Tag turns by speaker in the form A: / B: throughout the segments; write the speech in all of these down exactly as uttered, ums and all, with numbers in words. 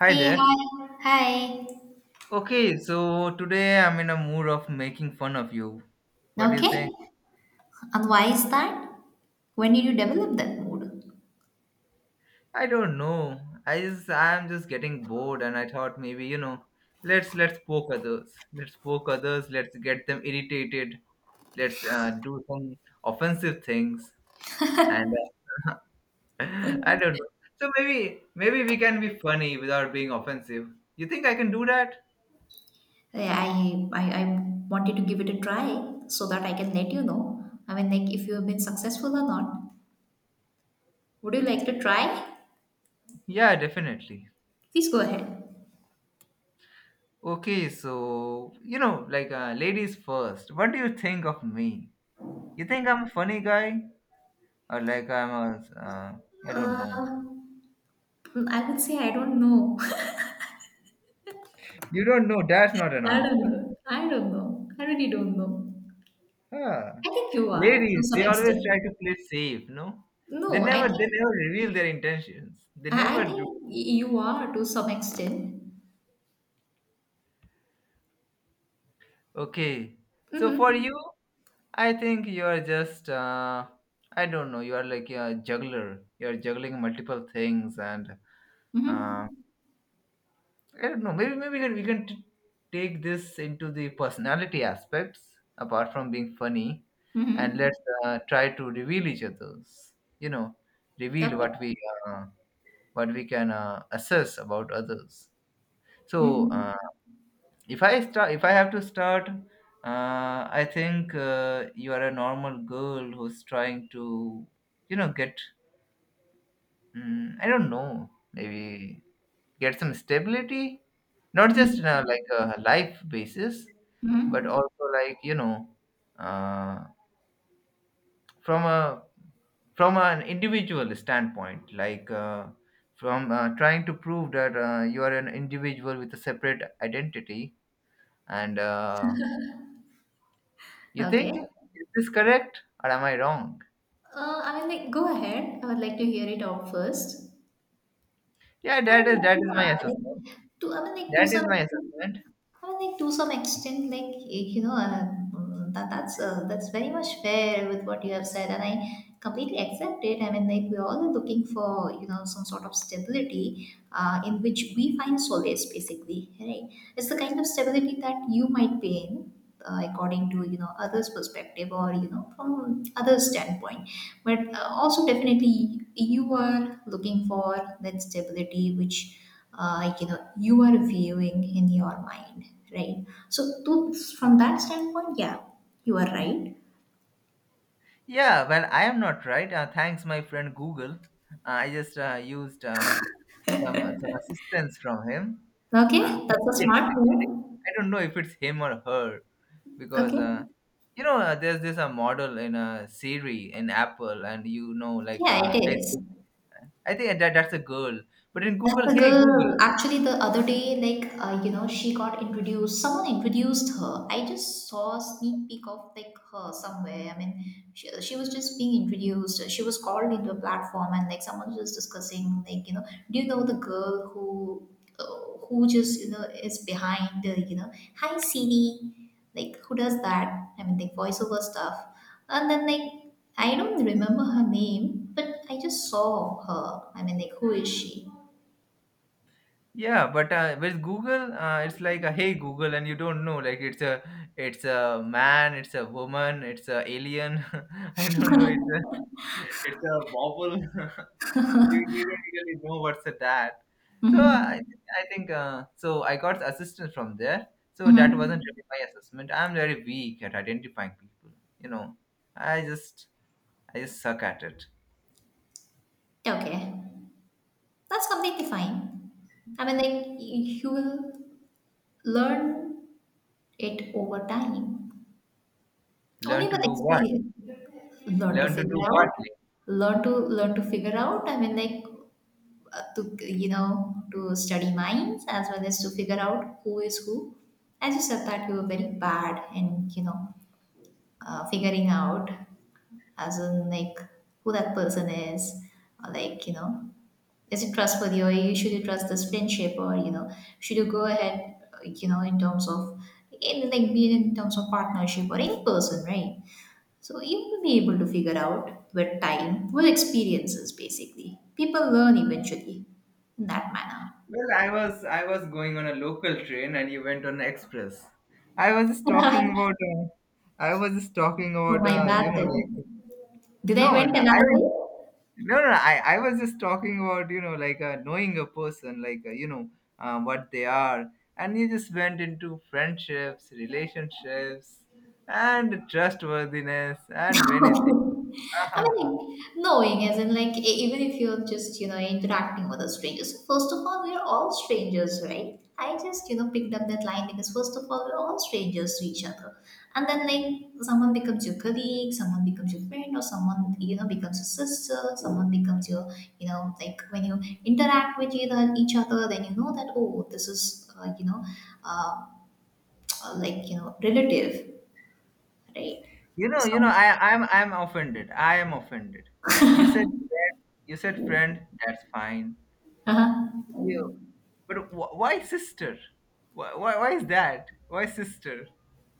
A: Hi
B: Hey,
A: there.
B: hi, hi.
A: Okay, so today I'm in a mood of making fun of you. What do you
B: Okay,
A: think?
B: and why is that? When did you develop that mood?
A: I don't know. I just I'm just getting bored, and I thought maybe, you know, let's let's poke others. Let's poke others, let's get them irritated. Let's uh, do some offensive things and uh, I don't know. So maybe maybe we can be funny without being offensive. You think I can do that?
B: Yeah, I, I, I wanted to give it a try so that I can let you know. I mean, like, if you have been successful or not. Would you like to try?
A: Yeah, definitely.
B: Please go ahead.
A: Okay, so you know, like uh, ladies first. What do you think of me? You think I'm a funny guy, or like I'm a uh, I don't know.
B: Uh, I would say I don't know.
A: You don't know. That's not an
B: I don't
A: answer.
B: know. I don't know. I really don't know.
A: Huh.
B: I think you are to
A: Ladies,
B: some
A: they always try
B: extent.
A: to play safe. No, they
B: No, I
A: never they
B: think
A: never reveal their intentions. They
B: I,
A: never
B: I
A: do.
B: think you are to some extent.
A: Okay, so for you,
B: Mm-hmm.
A: I think you are just uh, I don't know. You are like a juggler. You are juggling multiple things, and uh,
B: Mm-hmm.
A: I don't know. Maybe maybe we can, we can t- take this into the personality aspects, apart from being funny, and
B: Mhm.
A: let's uh, try to reveal each other's. You know, reveal
B: Okay.
A: what we uh, what we can uh, assess about others. So
B: Mhm.
A: uh, if I start, if I have to start, uh, I think uh, you are a normal girl who's trying to, you know, get Mm, I don't know. Maybe get some stability, not just in a,
B: Mhm.
A: like a life basis, but
B: Mhm.
A: also like you know, uh, from a from an individual standpoint, like uh, from uh, trying to prove that uh, you are an individual with a separate identity. And uh, you
B: Okay.
A: think, is this correct or am I wrong?
B: Uh, I mean, like, go ahead. I would like to hear it out first.
A: Yeah,
B: I
A: that is
B: mean,
A: that is my
B: yeah,
A: assessment.
B: like, to I mean, like to
A: That is
B: some
A: my
B: extent,
A: assessment.
B: I mean, like to some extent, like eh, you know, uh, mm, that that's uh, that's very much fair with what you have said, and I completely accept it. I mean, like we are all looking for you know some sort of stability, uh, in which we find solace, basically, right? It's the kind of stability that you might be in, uh, according to you know others' perspective or you know from others' standpoint but uh, also definitely you are looking for that stability which uh, like, you know you are viewing in your mind right so to, from that standpoint yeah you are right.
A: Yeah, well, I am not right. Uh, thanks, my friend Google. Uh, I just uh, used uh, some some assistance from him. Uh,
B: Okay,
A: from
B: that's a
A: it
B: smart
A: actually,
B: move.
A: I don't know if it's him or her, because
B: Okay,
A: uh, you know uh, there's this a model in uh, Siri, in Apple, and you know like
B: yeah,
A: uh,
B: it
A: hey,
B: is.
A: Siri- I think that that's a girl, but in Google,
B: That's a
A: hey Google.
B: girl. Actually, the other day, like uh, you know, she got introduced. Someone introduced her. I just saw a sneak peek of like her somewhere. I mean, she, she was just being introduced. She was called into a platform, and like someone was discussing, like you know, do you know the girl who uh, who just you know is behind, uh, you know, hi Siri, like who does that? I mean, like voiceover stuff. And then like I don't remember her name, but I just saw her. I mean, like who is she?
A: Yeah, but uh, with Google, uh, it's like a hey Google, and you don't know. Like it's a it's a man, it's a woman, it's a alien. I don't know. It's a it's a bobble. you you don't really know what's a that. So
B: Mhm.
A: I I think uh, so. I got assistance from there. So
B: Mhm.
A: that wasn't really my assessment. I'm very weak at identifying people. You know, I just I just suck at it.
B: Okay. That's completely fine. I mean, like, y- you will learn it over time,
A: Learn
B: only
A: to
B: with
A: do what?
B: experience. Learn to
A: Learn to do
B: figure
A: what?
B: out, learn to learn to figure out. I mean, like, uh, to you know, to study minds as well as to figure out who is who. As you said that you were very bad in you know uh, figuring out as in like who that person is or like you know is it trustworthy or you should you trust this friendship or you know should you go ahead uh, you know in terms of in like be it in terms of partnership or in person right so you will be able to figure out with time with experiences basically people learn eventually in that manner.
A: Well, I was I was going on a local train, and you went on express. I was just talking about uh, I was just talking
B: Oh
A: about
B: my
A: uh,
B: bad
A: you know
B: then,
A: like
B: did I
A: no,
B: went
A: no, I
B: another way?
A: mean, no, no, I I was just talking about you know like uh, knowing a person, like uh, you know uh, what they are, and you just went into friendships, relationships, and trustworthiness and many
B: Okay.
A: things.
B: I mean, like, knowing as in, like, e- even if you're just, you know, interacting with a stranger. So, first of all, we're all strangers, right? I just, you know, picked up that line because, first of all, we're all strangers to each other. And then, like, someone becomes your colleague, someone becomes your friend, or someone, you know, becomes your sister, someone becomes your, you know, like, when you interact with each other, each other then you know that, oh, this is, uh, you know, uh, like, you know, relative, right?
A: You know,
B: So,
A: you know, I, I'm, I'm offended. I am offended. You said, friend, you said friend. That's fine.
B: uh-huh.
A: You, but wh- why sister? Why, why, why is that? Why sister?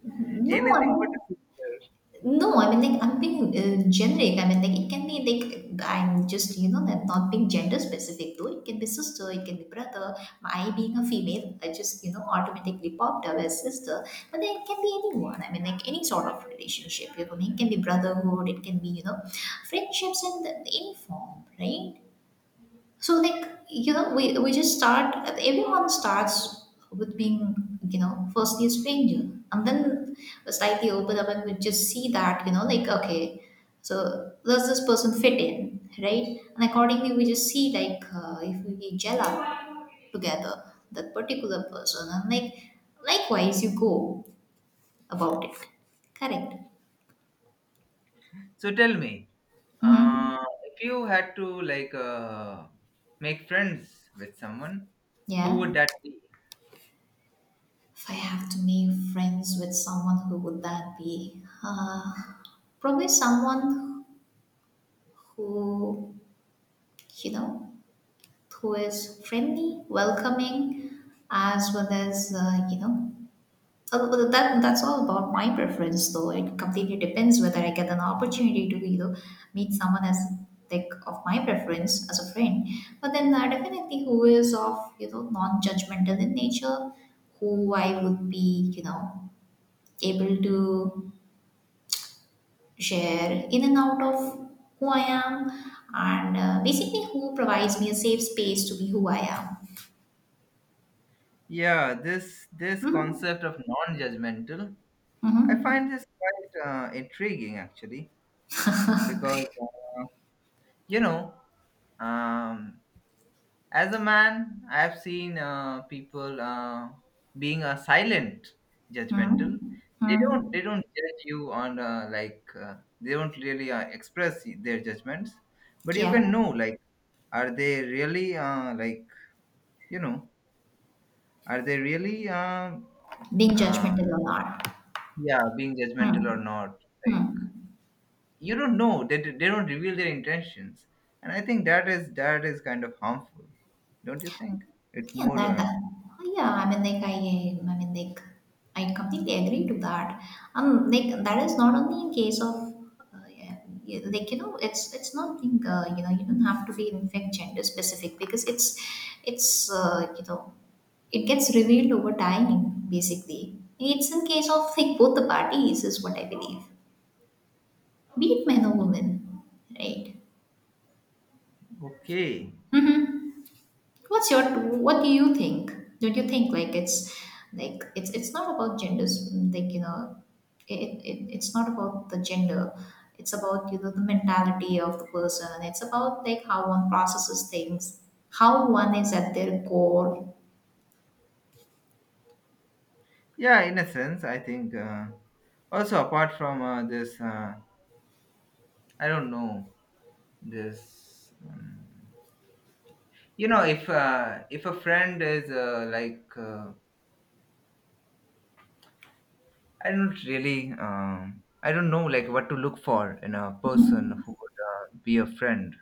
B: No, I
A: Anything but a
B: mean,
A: sister.
B: no, I mean, like, I'm being uh, generic. I mean, like, it can be like, I'm just, you know, that not being gender specific, though. It can be sister, it can be brother. My being a female, I just, you know, automatically popped up as sister. But then it can be anyone. I mean, like, any sort of relationship. You know, it can be brotherhood, it can be, you know, friendships in the, any form, right? So like you know, we we just start. Everyone starts with being you know firstly a stranger, and then slightly open up, and we just see that you know like okay, so does this person fit in, right? And accordingly, we just see like uh, if we gel up together that particular person, and like likewise you go about it, correct?
A: So tell me,
B: Mm-hmm.
A: uh, if you had to like uh, make friends with someone, who would
B: Yeah.
A: that be?
B: If I have to make friends with someone, who would that be? Uh, probably someone who, you know, who is friendly, welcoming, as well as, uh, you know, uh, well, that that's all about my preference, though. It completely depends whether I get an opportunity to, you know, meet someone as like of my preference as a friend. But then uh, definitely who is of, you know, non-judgmental in nature, who I would be, you know, able to share in and out of who I am and uh, basically who provides me a safe space to be who I am.
A: Yeah, this this
B: Mm-hmm.
A: concept of non-judgmental, I
B: Mm-hmm.
A: find this quite uh, intriguing actually, because uh, you know um, as a man, I have seen uh, people uh, being uh, silent
B: Mm-hmm.
A: judgmental. they don't
B: Mm-hmm.
A: they don't judge you on uh, like uh, they don't really uh, express their judgments, but you
B: Yeah.
A: can know like, are they really uh, like you know are they really uh,
B: Being
A: um,
B: judgmental or not.
A: yeah, being judgmental
B: Mm-hmm.
A: or not. Like,
B: Mm-hmm.
A: you don't know that they, they don't reveal their intentions, and I think that is that is kind of harmful. Don't you think? It's
B: Yeah,
A: more
B: that,
A: uh,
B: yeah, I mean, like I, I mean, like I completely agree to that. Um, like that is not only in case of, uh, yeah, yeah, like you know, it's it's not being, uh, you know, you don't have to be in fact gender specific because it's, it's, uh, you know, it gets revealed over time. Basically, it's in case of like both the parties is what I believe, be it men or women, right?
A: okay.
B: Mm-hmm. What's your what do you think? Don't you think like it's like it's it's not about genders like you know it, it it's not about the gender, it's about you know the mentality of the person and it's about like how one processes things, how one is at their core.
A: Yeah, in a sense, I think. Uh, also, apart from uh, this, uh, I don't know this. Um, you know, if uh, if a friend is uh, like, uh, I don't really, um, I don't know, like what to look for in a person
B: Mhm.
A: who would uh, be a friend.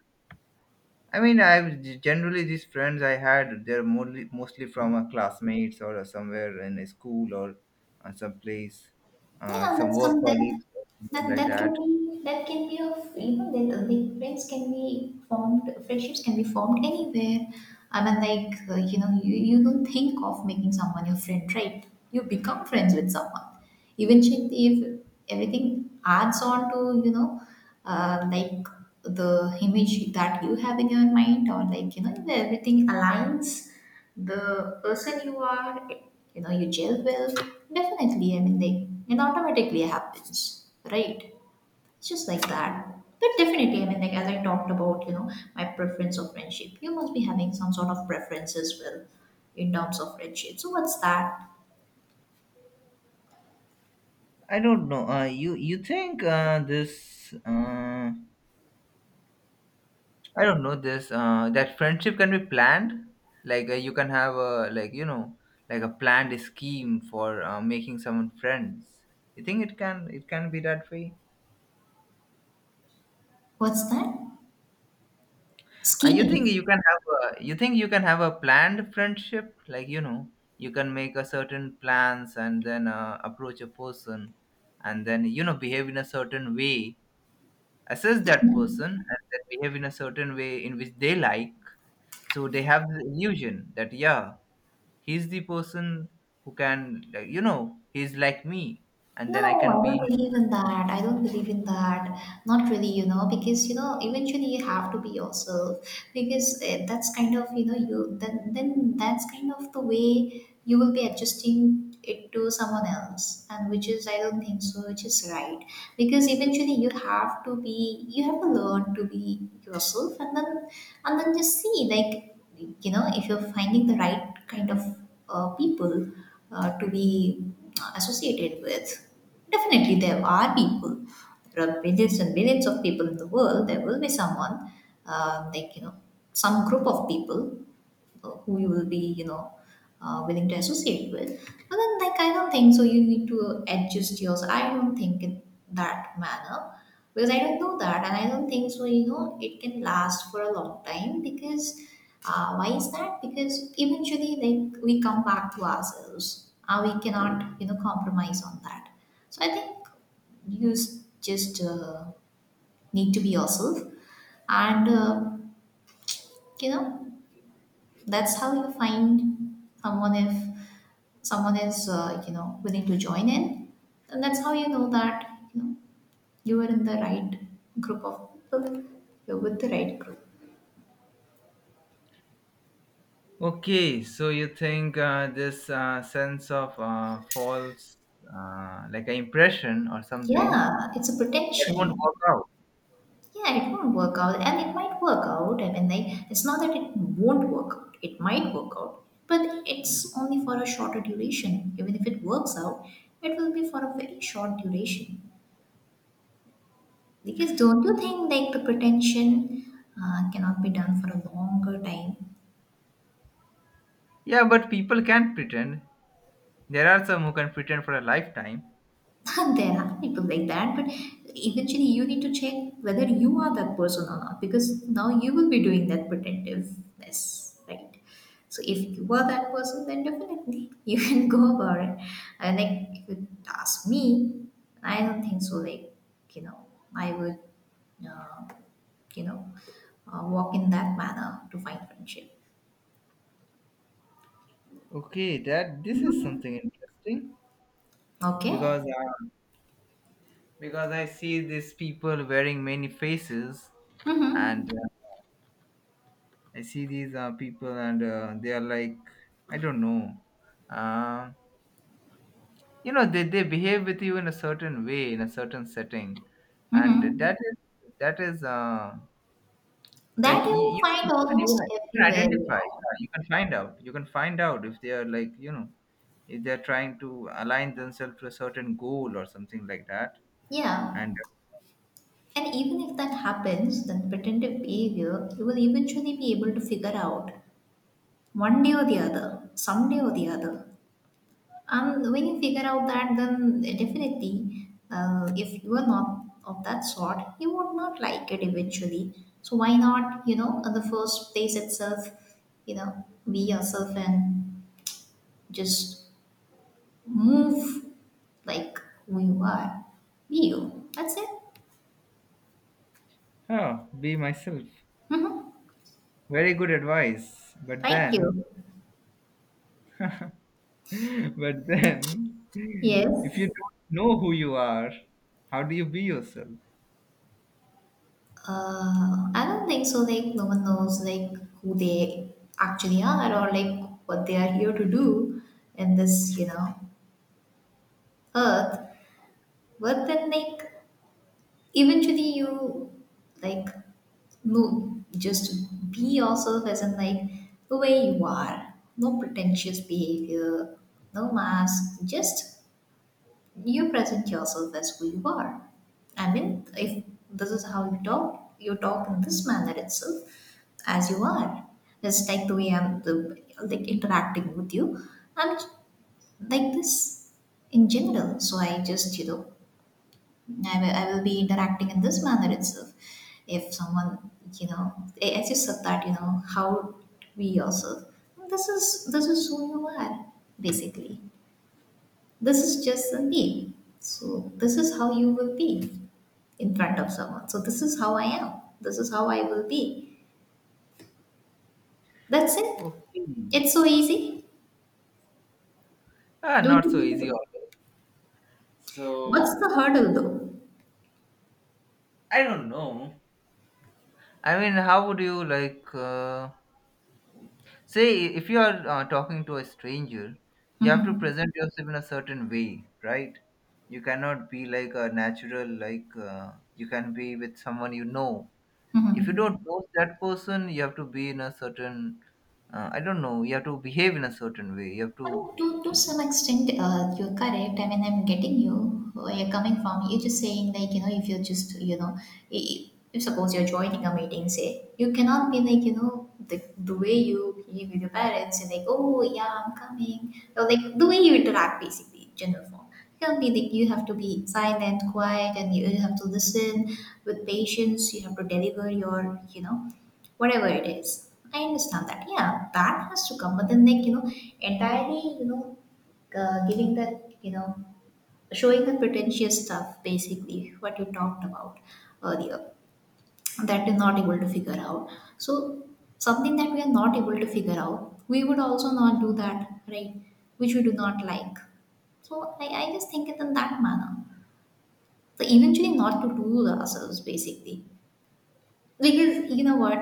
A: I mean, I generally, these friends I had, they're mostly mostly from uh, classmates, or somewhere in a school, or uh, some place, uh,
B: Yeah,
A: some
B: that's
A: work
B: some that
A: colleagues, or something
B: that
A: like
B: that can
A: that.
B: be that can be of you know the, the friends can be formed, friendships can be formed anywhere. I mean, like uh, you know, you, you don't think of making someone your friend, right? You become friends with someone. Eventually, if everything adds on to you know, uh, like the image that you have in your mind, or like you know, everything aligns the person you are you know you gel well definitely I mean like it automatically happens right it's just like that but definitely I mean like as I talked about you know my preference of friendship you must be having some sort of preference as well in terms of friendship so what's that.
A: I don't know. Uh, you you think uh, this? Uh, I don't know this. Uh, that friendship can be planned. Like, uh, you can have a like you know like a planned scheme for uh, making someone friends. You think it can it can be that way?
B: What's that,
A: Uh, you think
B: schemes?
A: you can have a you think you can have a planned friendship? Like, you know, you can make a certain plans, and then uh, approach a person, and then you know, behave in a certain way, assess that person, and that behave in a certain way in which they like, so they have the illusion that yeah, he's the person who can, like, you know he's like me, and
B: No,
A: then I can
B: I
A: be
B: don't
A: his.
B: believe in that. I don't believe in that. Not really, you know, because you know, eventually you have to be yourself. Because eh, that's kind of you know you then then that's kind of the way you will be adjusting it to someone else, and which is I don't think so, which is right. Because eventually you have to be you have to learn to be yourself, and then and then just see like you know if you're finding the right kind of uh, people uh, to be uh, associated with. Definitely, there are people. There are billions and billions of people in the world. There will be someone, um, like you know, some group of people who you will be, you know, uh, willing to associate with. But then, like, I don't think so. You need to adjust yours. I don't think in that manner because I don't know that, and I don't think so. You know, it can last for a long time because uh, why is that? Because eventually, like, we come back to ourselves, and we cannot, you know, compromise on that. So I think you s- just uh, need to be yourself, and uh, you know that's how you find someone if someone is uh, you know willing to join in and that's how you know that you know you are in the right group of people, you're with the right group.
A: Okay, so you think uh, this uh, sense of uh, false, uh, like an impression or something,
B: Yeah, it's a
A: that won't
B: protection.
A: work out.
B: Yeah, it won't work out and it might work out, I mean like it's not that it won't work out, it might work out but it's only for a shorter duration, even if it works out it will be for a very short duration. Because don't you think like the pretension uh, cannot be done for a longer time?
A: Yeah, but people can pretend. There are some who can pretend for a lifetime.
B: There are people like that, but eventually you need to check whether you are that person or not because now you will be doing that pretentiveness, right? So if you are that person, then definitely you can go about it. And like if you ask me, I don't think so. Like you know, I would uh, you know uh, walk in that manner to find friendship.
A: Okay, that this is
B: Mhm.
A: something interesting, because
B: Okay.
A: uh, because I see these people wearing many faces, and
B: Mm-hmm.
A: uh, I see these uh, people, and uh, they are like, I don't know, uh, you know, they, they behave with you in a certain way, in a certain setting, and
B: Mm-hmm.
A: that is that is uh, like
B: That
A: you,
B: you
A: you, can-
B: find
A: you
B: almost
A: can you can
B: everywhere, you
A: identify.
B: know?
A: Yeah, you can find out, you can find out if they are, like, you know, if they are trying to align themselves to a certain goal or something like that,
B: Yeah.
A: and
B: And even if that happens, then pretended behavior, you will eventually be able to figure out one day or the other, someday or the other. And when you figure out that, then definitely, uh, if you are not of that sort, you would not like it eventually. So why not, you know, at the first place itself, you know, be yourself and just move like who you are. Be you. That's it.
A: uh, huh, be myself.
B: hmm
A: Very good advice. But
B: Thank
A: then,
B: you.
A: but then, if you
B: Yes.
A: don't know who you are, how do you be yourself?
B: Uh, I don't think so. Like no one knows like who they actually are, or like what they are here to do in this, you know, earth. But then like eventually you like no, just be yourself, as in like the way you are. No pretentious behavior, no mask, just you present yourself as who you are. I mean, if this is how you talk, you talk in this manner itself as you are. Just like the way I'm the, like, interacting with you, I'm like this in general. So I just you know I will, I will be interacting in this manner itself. If someone you know, as you said that you know how to be yourself, this is this is who you are, basically this is just a name. So this is how you will be in front of someone. So this is how I am. This is how I will be. That's it.
A: Okay.
B: It's so easy.
A: Ah,
B: Don't
A: not
B: you
A: so
B: think
A: easy
B: so?
A: always.
B: What's the
A: So,
B: hurdle though?
A: I don't know. I mean, how would you like, uh, say, if you are uh, talking to a stranger, you have to
B: hmm
A: present yourself in a certain way, right? You cannot be like a natural. Like, uh, you can be with someone you know. If you don't
B: hmm
A: know that person, you have to be in a certain, uh, I don't know, you have to behave in a certain way. You have
B: I
A: to.
B: mean, to, to some extent, uh, you're correct. I mean, I'm getting you where you're coming from. You're just saying, like, you know, if you're just, you know, i- if suppose you're joining a meeting, say, you cannot be like, you know, the, the way you behave with your parents and like, oh, yeah, I'm coming. Or like the way you interact, basically, in general form. You can't be like, you have to be silent, quiet, and you have to listen with patience. You have to deliver your, you know, whatever it is. I understand that. Yeah, that has to come. But then, like you know, entirely, you know, uh, giving that, you know, showing the pretentious stuff, basically what you talked about earlier, that you're not able to figure out. So something that we are not able to figure out, we would also not do that, right? Which we do not like. So I, I just think it in that manner. So eventually, not to do ourselves, basically because you know what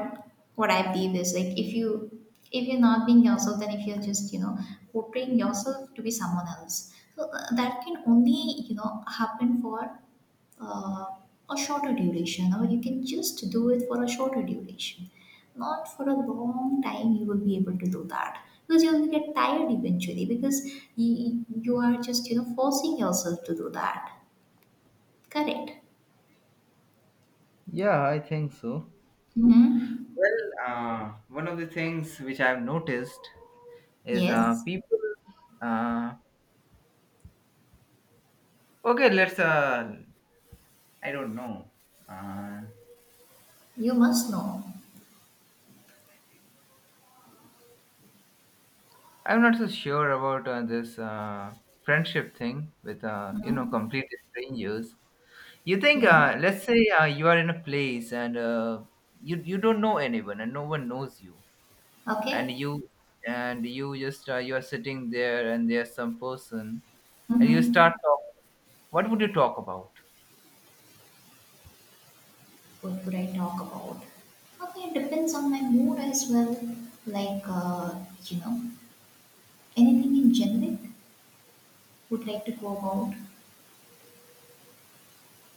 B: what i believe is like if you if you're not being yourself, then if you're just you know portraying yourself to be someone else, so uh, that can only you know happen for uh, a shorter duration, or you can just do it for a shorter duration, not for a long time you will be able to do that, because you will get tired eventually because you, you are just you know forcing yourself to do that. Correct.
A: Yeah, I think so.
B: hmm
A: Well, uh, one of the things which I've noticed is uh,
B: yes,
A: people. uh, okay, let's, uh, I don't know. uh,
B: you must know.
A: I'm not so sure about uh, this uh, friendship thing with uh, you know
B: Mm-hmm.
A: complete strangers. You think
B: Yeah.
A: uh, let's say uh, you are in a place, and uh, you you don't know anyone, and no one knows you, and
B: Okay.
A: you and you just uh, you are sitting there, and there's some person, and you
B: Mm-hmm.
A: start talking. What would you talk about?
B: What would I talk about? Okay, it depends on my mood as well. Like, uh, you know, anything in generic would like to go about.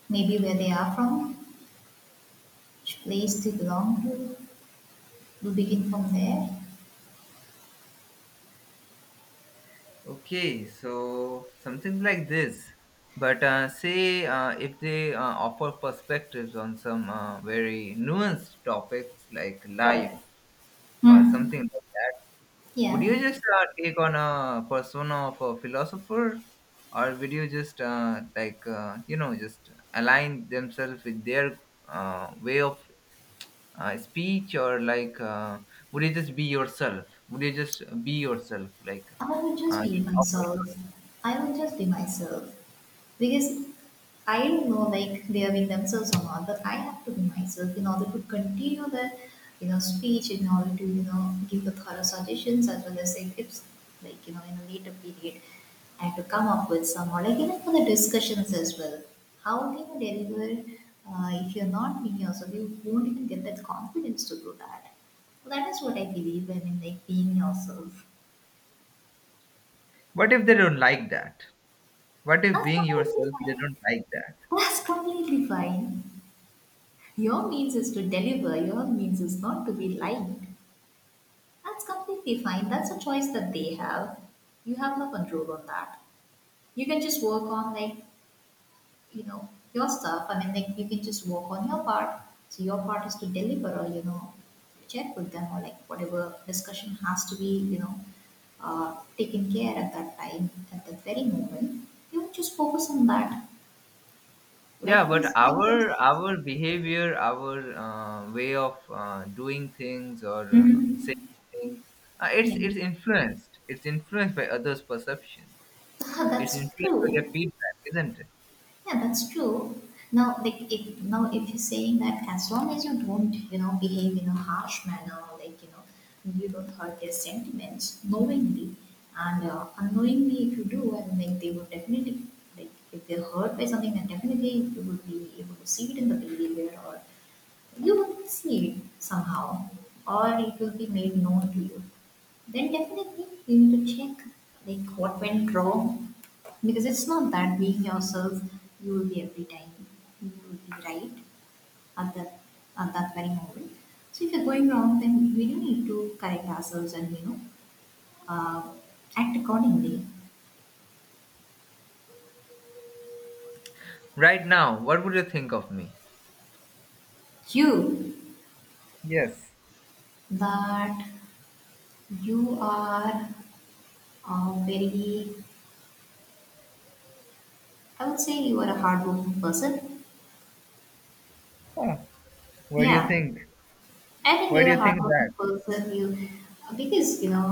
B: Maybe where they are from, which place they belong to. We begin from there.
A: Okay, so something like this, but uh, say, uh, if they uh, offer perspectives on some uh, very nuanced topics like life
B: Correct.
A: or
B: Hmm.
A: something like that, would
B: Yeah.
A: you just uh, take on a persona of a philosopher, or would you just uh, like uh, you know just align themselves with their uh, way of uh, speech, or like, uh, would you just be yourself would you just be yourself, like
B: I will just
A: uh,
B: be
A: just offer
B: myself.
A: your...
B: I will just be myself. Because I don't know like they are being themselves or not, but I have to be myself in order to continue the you know speech, in order to you know give the thorough suggestions as well as say tips like you know in a later period, and to come up with some or like even for the discussions as well. How can you deliver uh, if you're not being yourself? You won't even get that confidence to do that. That is what I believe in, in like being yourself.
A: What if they don't like that? What if,
B: That's
A: being
B: completely
A: yourself, they
B: fine.
A: don't like that?
B: That's completely fine. Your means is to deliver, your means is not to be liked. That's completely fine. That's a choice that they have. You have no control on that. You can just work on like, you know, your stuff. I mean like you can just work on your part. So your part is to deliver, or, you know, check with them, or like whatever discussion has to be, you know, uh, taken care at that time, at that very moment, you just focus on that.
A: Yeah,
B: Liking
A: but
B: is like this.
A: our our behavior, our uh, way of uh, doing things or uh, saying
B: Mm-hmm.
A: things, uh, it's
B: Yeah,
A: it's influenced it's influenced by others' perception. It's
B: that's
A: influenced by their
B: true.
A: feedback, isn't it?
B: Yeah, that's true. Now, like if now if you're saying that as long as you don't, you know, behave in a harsh manner, like you know, you don't hurt their sentiments knowingly and uh, unknowingly, if you do, I mean, like they would definitely like if they're hurt by something, then definitely you will be able to see it in the behavior, or you will see it somehow, or it will be made known to you. Then definitely you need to check like what went wrong, because it's not that being yourself you will be every time you will be right at that at that very moment. So if you're going wrong, then we do need to correct ourselves, and you know uh, act accordingly.
A: Right, now what would you think of me?
B: You,
A: Yes.
B: that you are a very, I would say you are a hardworking person.
A: Huh. What do you
B: Yeah,
A: think?
B: I think
A: Why do
B: you're
A: you
B: a
A: think
B: hardworking
A: that?
B: person. You, because you know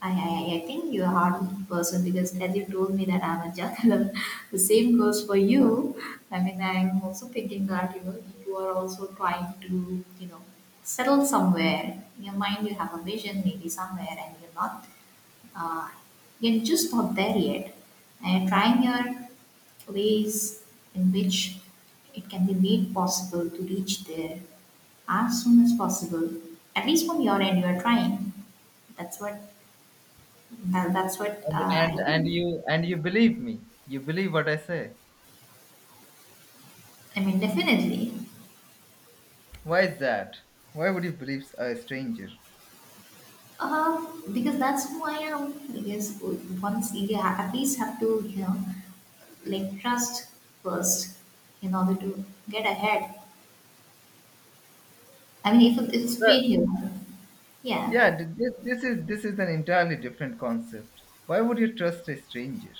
B: I, I, I think you're a hard person because as you told me that I'm a juggler, the same goes for you. I mean, I'm also thinking that you know you are also trying to you know settle somewhere. In your mind, you have a vision maybe somewhere, and you're not. Uh, you're just not there yet, and you're trying your ways in which it can be made possible to reach there as soon as possible. At least from your end, you are trying. That's what, and that's what
A: and
B: uh,
A: and
B: I
A: and
B: think.
A: you and you believe me? You believe what I say?
B: I mean, definitely.
A: Why is that? Why would you believe a stranger?
B: Uh, because that's who I am. Because once you ha- at least have to, you know, like trust first in order to get ahead. I mean, if it- it's
A: Well,
B: straight here, yeah.
A: yeah, th- this, this is this is an entirely different concept. Why would you trust a stranger?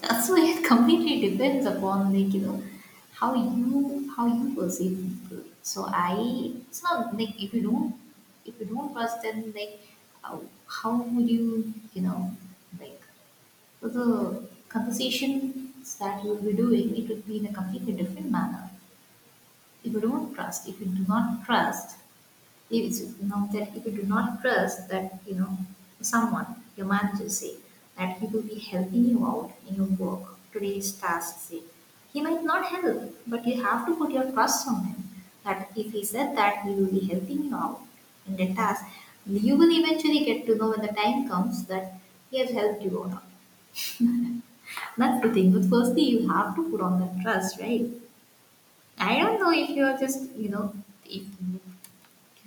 B: That's why it completely depends upon like you know how you how you perceive people. So I, it's not like if you don't if you don't trust, then like how, how would you you know like, so the conversations that you will be doing, it would be in a completely different manner. If you don't trust, if you do not trust, if it's, you know that if you do not trust that you know someone, your manager say that he will be helping you out in your work today's task, say he might not help, but you have to put your trust on him. That if he said that he will be helping you out in the task, you will eventually get to know when the time comes that he has helped you or not. That's the thing. But firstly, you have to put on that trust, right? I don't know if you're just, you know, if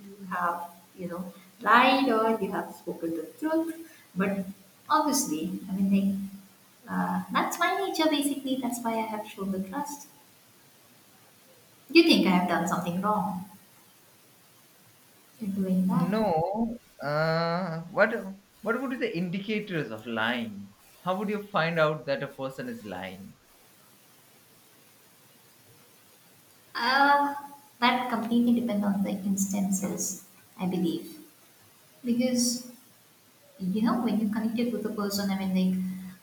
B: you have, you know, lied or you have spoken the truth. But obviously, I mean, like, uh, that's my nature basically. That's why I have shown the trust. You think I have done something wrong in doing that?
A: No, uh what what would be the indicators of lying? How would you find out that a person is lying?
B: Uh, that completely depends on the instances, I believe. Because you know when you are connected with a person, I mean like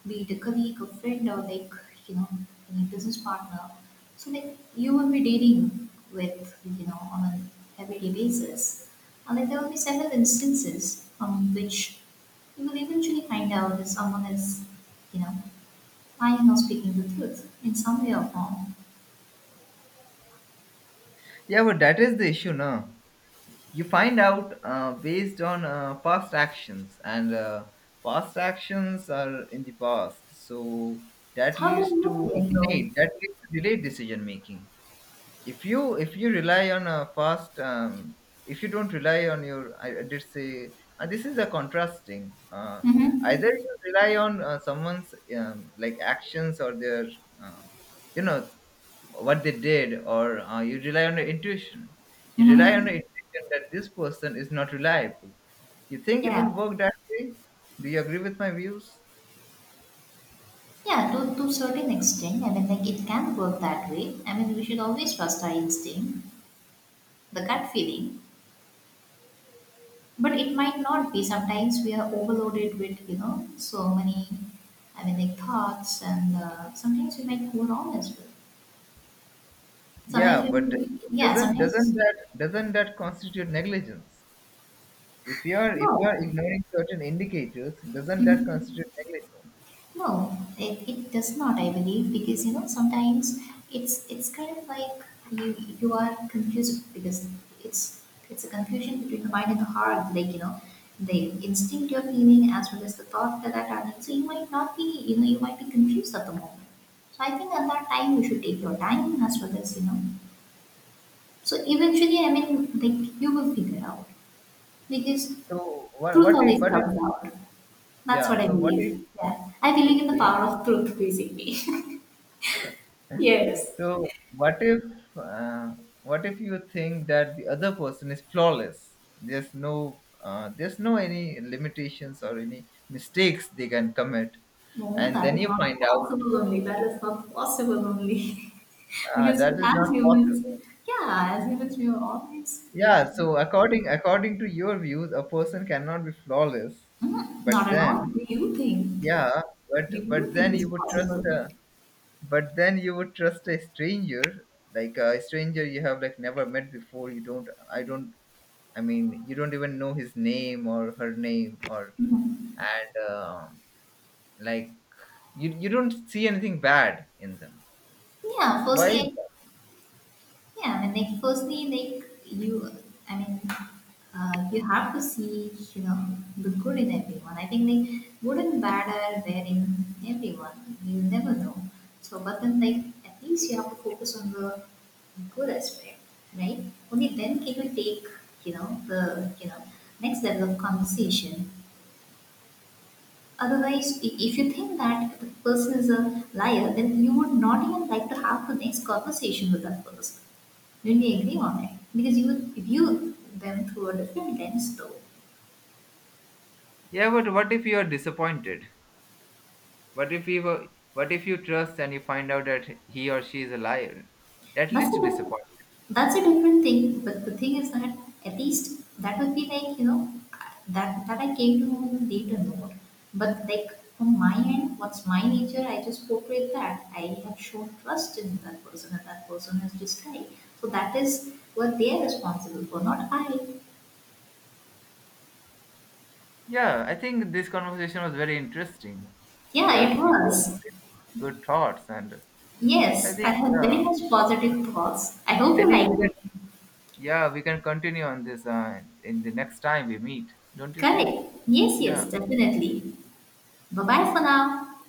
B: be it a colleague, a friend, or like you know any business partner, so like you will be dealing with you know on an everyday basis, and like there will be several instances from which you will eventually find out if someone is you know lying or speaking the truth in some way or form.
A: Yeah, but that is the issue. Now you find out uh, based on uh, past actions, and uh, past actions are in the past, so that
B: How do
A: leads
B: you know
A: to a
B: them though?
A: delay, that leads to delayed decision making. If you if you rely on a past, um, if you don't rely on your i, I did say, and this is a contrasting, uh, either
B: Mm-hmm.
A: you rely on uh, someone's, um, like, actions, or their uh, you know what they did, or uh, you rely on your intuition you rely on your
B: Mm-hmm.
A: intuition that this person is not reliable. You think it
B: Yeah.
A: will work that way? Do you agree with my views?
B: Yeah, to, to certain extent, I mean, like it can work that way. I mean, we should always trust our instinct, the gut feeling, but it might not be. Sometimes we are overloaded with, you know, so many, I mean, like thoughts, and uh, sometimes we might go wrong as well.
A: Yeah,
B: Sometimes
A: but
B: we, yeah,
A: doesn't doesn't
B: sometimes,
A: that doesn't that constitute negligence? If you are if you are
B: no.
A: ignoring certain indicators, doesn't that constitute negligence?
B: No, it, it does not, I believe, because you know sometimes it's it's kind of like you you are confused because it's it's a confusion between the mind and the heart, like you know the instinct you're feeling as well as the thought that that happened. So you might not be you know you might be confused at the moment. So I think at that time you should take your time as well as you know. So eventually, I mean, like you will figure out because
A: So what,
B: truth
A: what if
B: always
A: what if
B: comes out. That's
A: yeah.
B: what I
A: So what if?
B: believe. Yeah, I believe in the
A: Okay.
B: power of truth, basically.
A: Mm.
B: Yes.
A: So what if uh, what if you think that the other person is flawless? There's no uh, there's no any limitations or any mistakes they can commit,
B: No,
A: and
B: that
A: then
B: is
A: you find
B: not
A: out
B: possible only. That is not possible only.
A: uh,
B: because
A: that is
B: as
A: not possible.
B: humans, yeah, as humans, we are always like,
A: Yeah. So, according according to your views, a person cannot be flawless,
B: "Mm, not
A: but
B: at all."
A: then
B: Do you think?
A: yeah, but
B: Do you
A: but
B: think
A: then
B: it's
A: you would trust
B: possible?
A: a, but then you would trust a stranger, like uh, a stranger you have, like, never met before. You don't i don't I mean, you don't even know his name or her name, or
B: Mhm.
A: and uh, Like, you you don't see anything bad in them.
B: Yeah,
A: Why is
B: firstly,
A: that?
B: yeah, I mean, like firstly, like you, I mean, uh, you have to see, you know, the good in everyone. I think like good and bad are there in everyone. You never know. So, but then like at least you have to focus on the good aspect, right? Only then can you take, you know, the you know next level of conversation. Otherwise, i- if you think that the person is a liar, then you would not even like to have the next conversation with that person. Didn't we agree on it? Because you view them through a different lens, though.
A: Yeah, but what if you are disappointed? What if you were, what if you trust, and you find out that he or she is a liar? That leads
B: That's a
A: to
B: diff-
A: disappointment.
B: that's a different thing. But the thing is that at least that would be like you know that that I came to know in a later note. But like from my end, what's my nature? I just portrayed that. I have shown trust in that person, and that person has just died. So that is what they are responsible for, not I.
A: Yeah, I think this conversation was very interesting. You
B: Yeah, it
A: have you gave
B: was.
A: good thoughts, and I
B: Yes, I
A: think
B: have very
A: yeah,
B: much positive thoughts. I hope
A: I
B: you
A: think we
B: liked
A: can
B: it.
A: yeah we can continue on this uh, in the next time we meet. Don't you think?
B: Correct. Yes,
A: Yeah.
B: yes, definitely. Bye bye for now.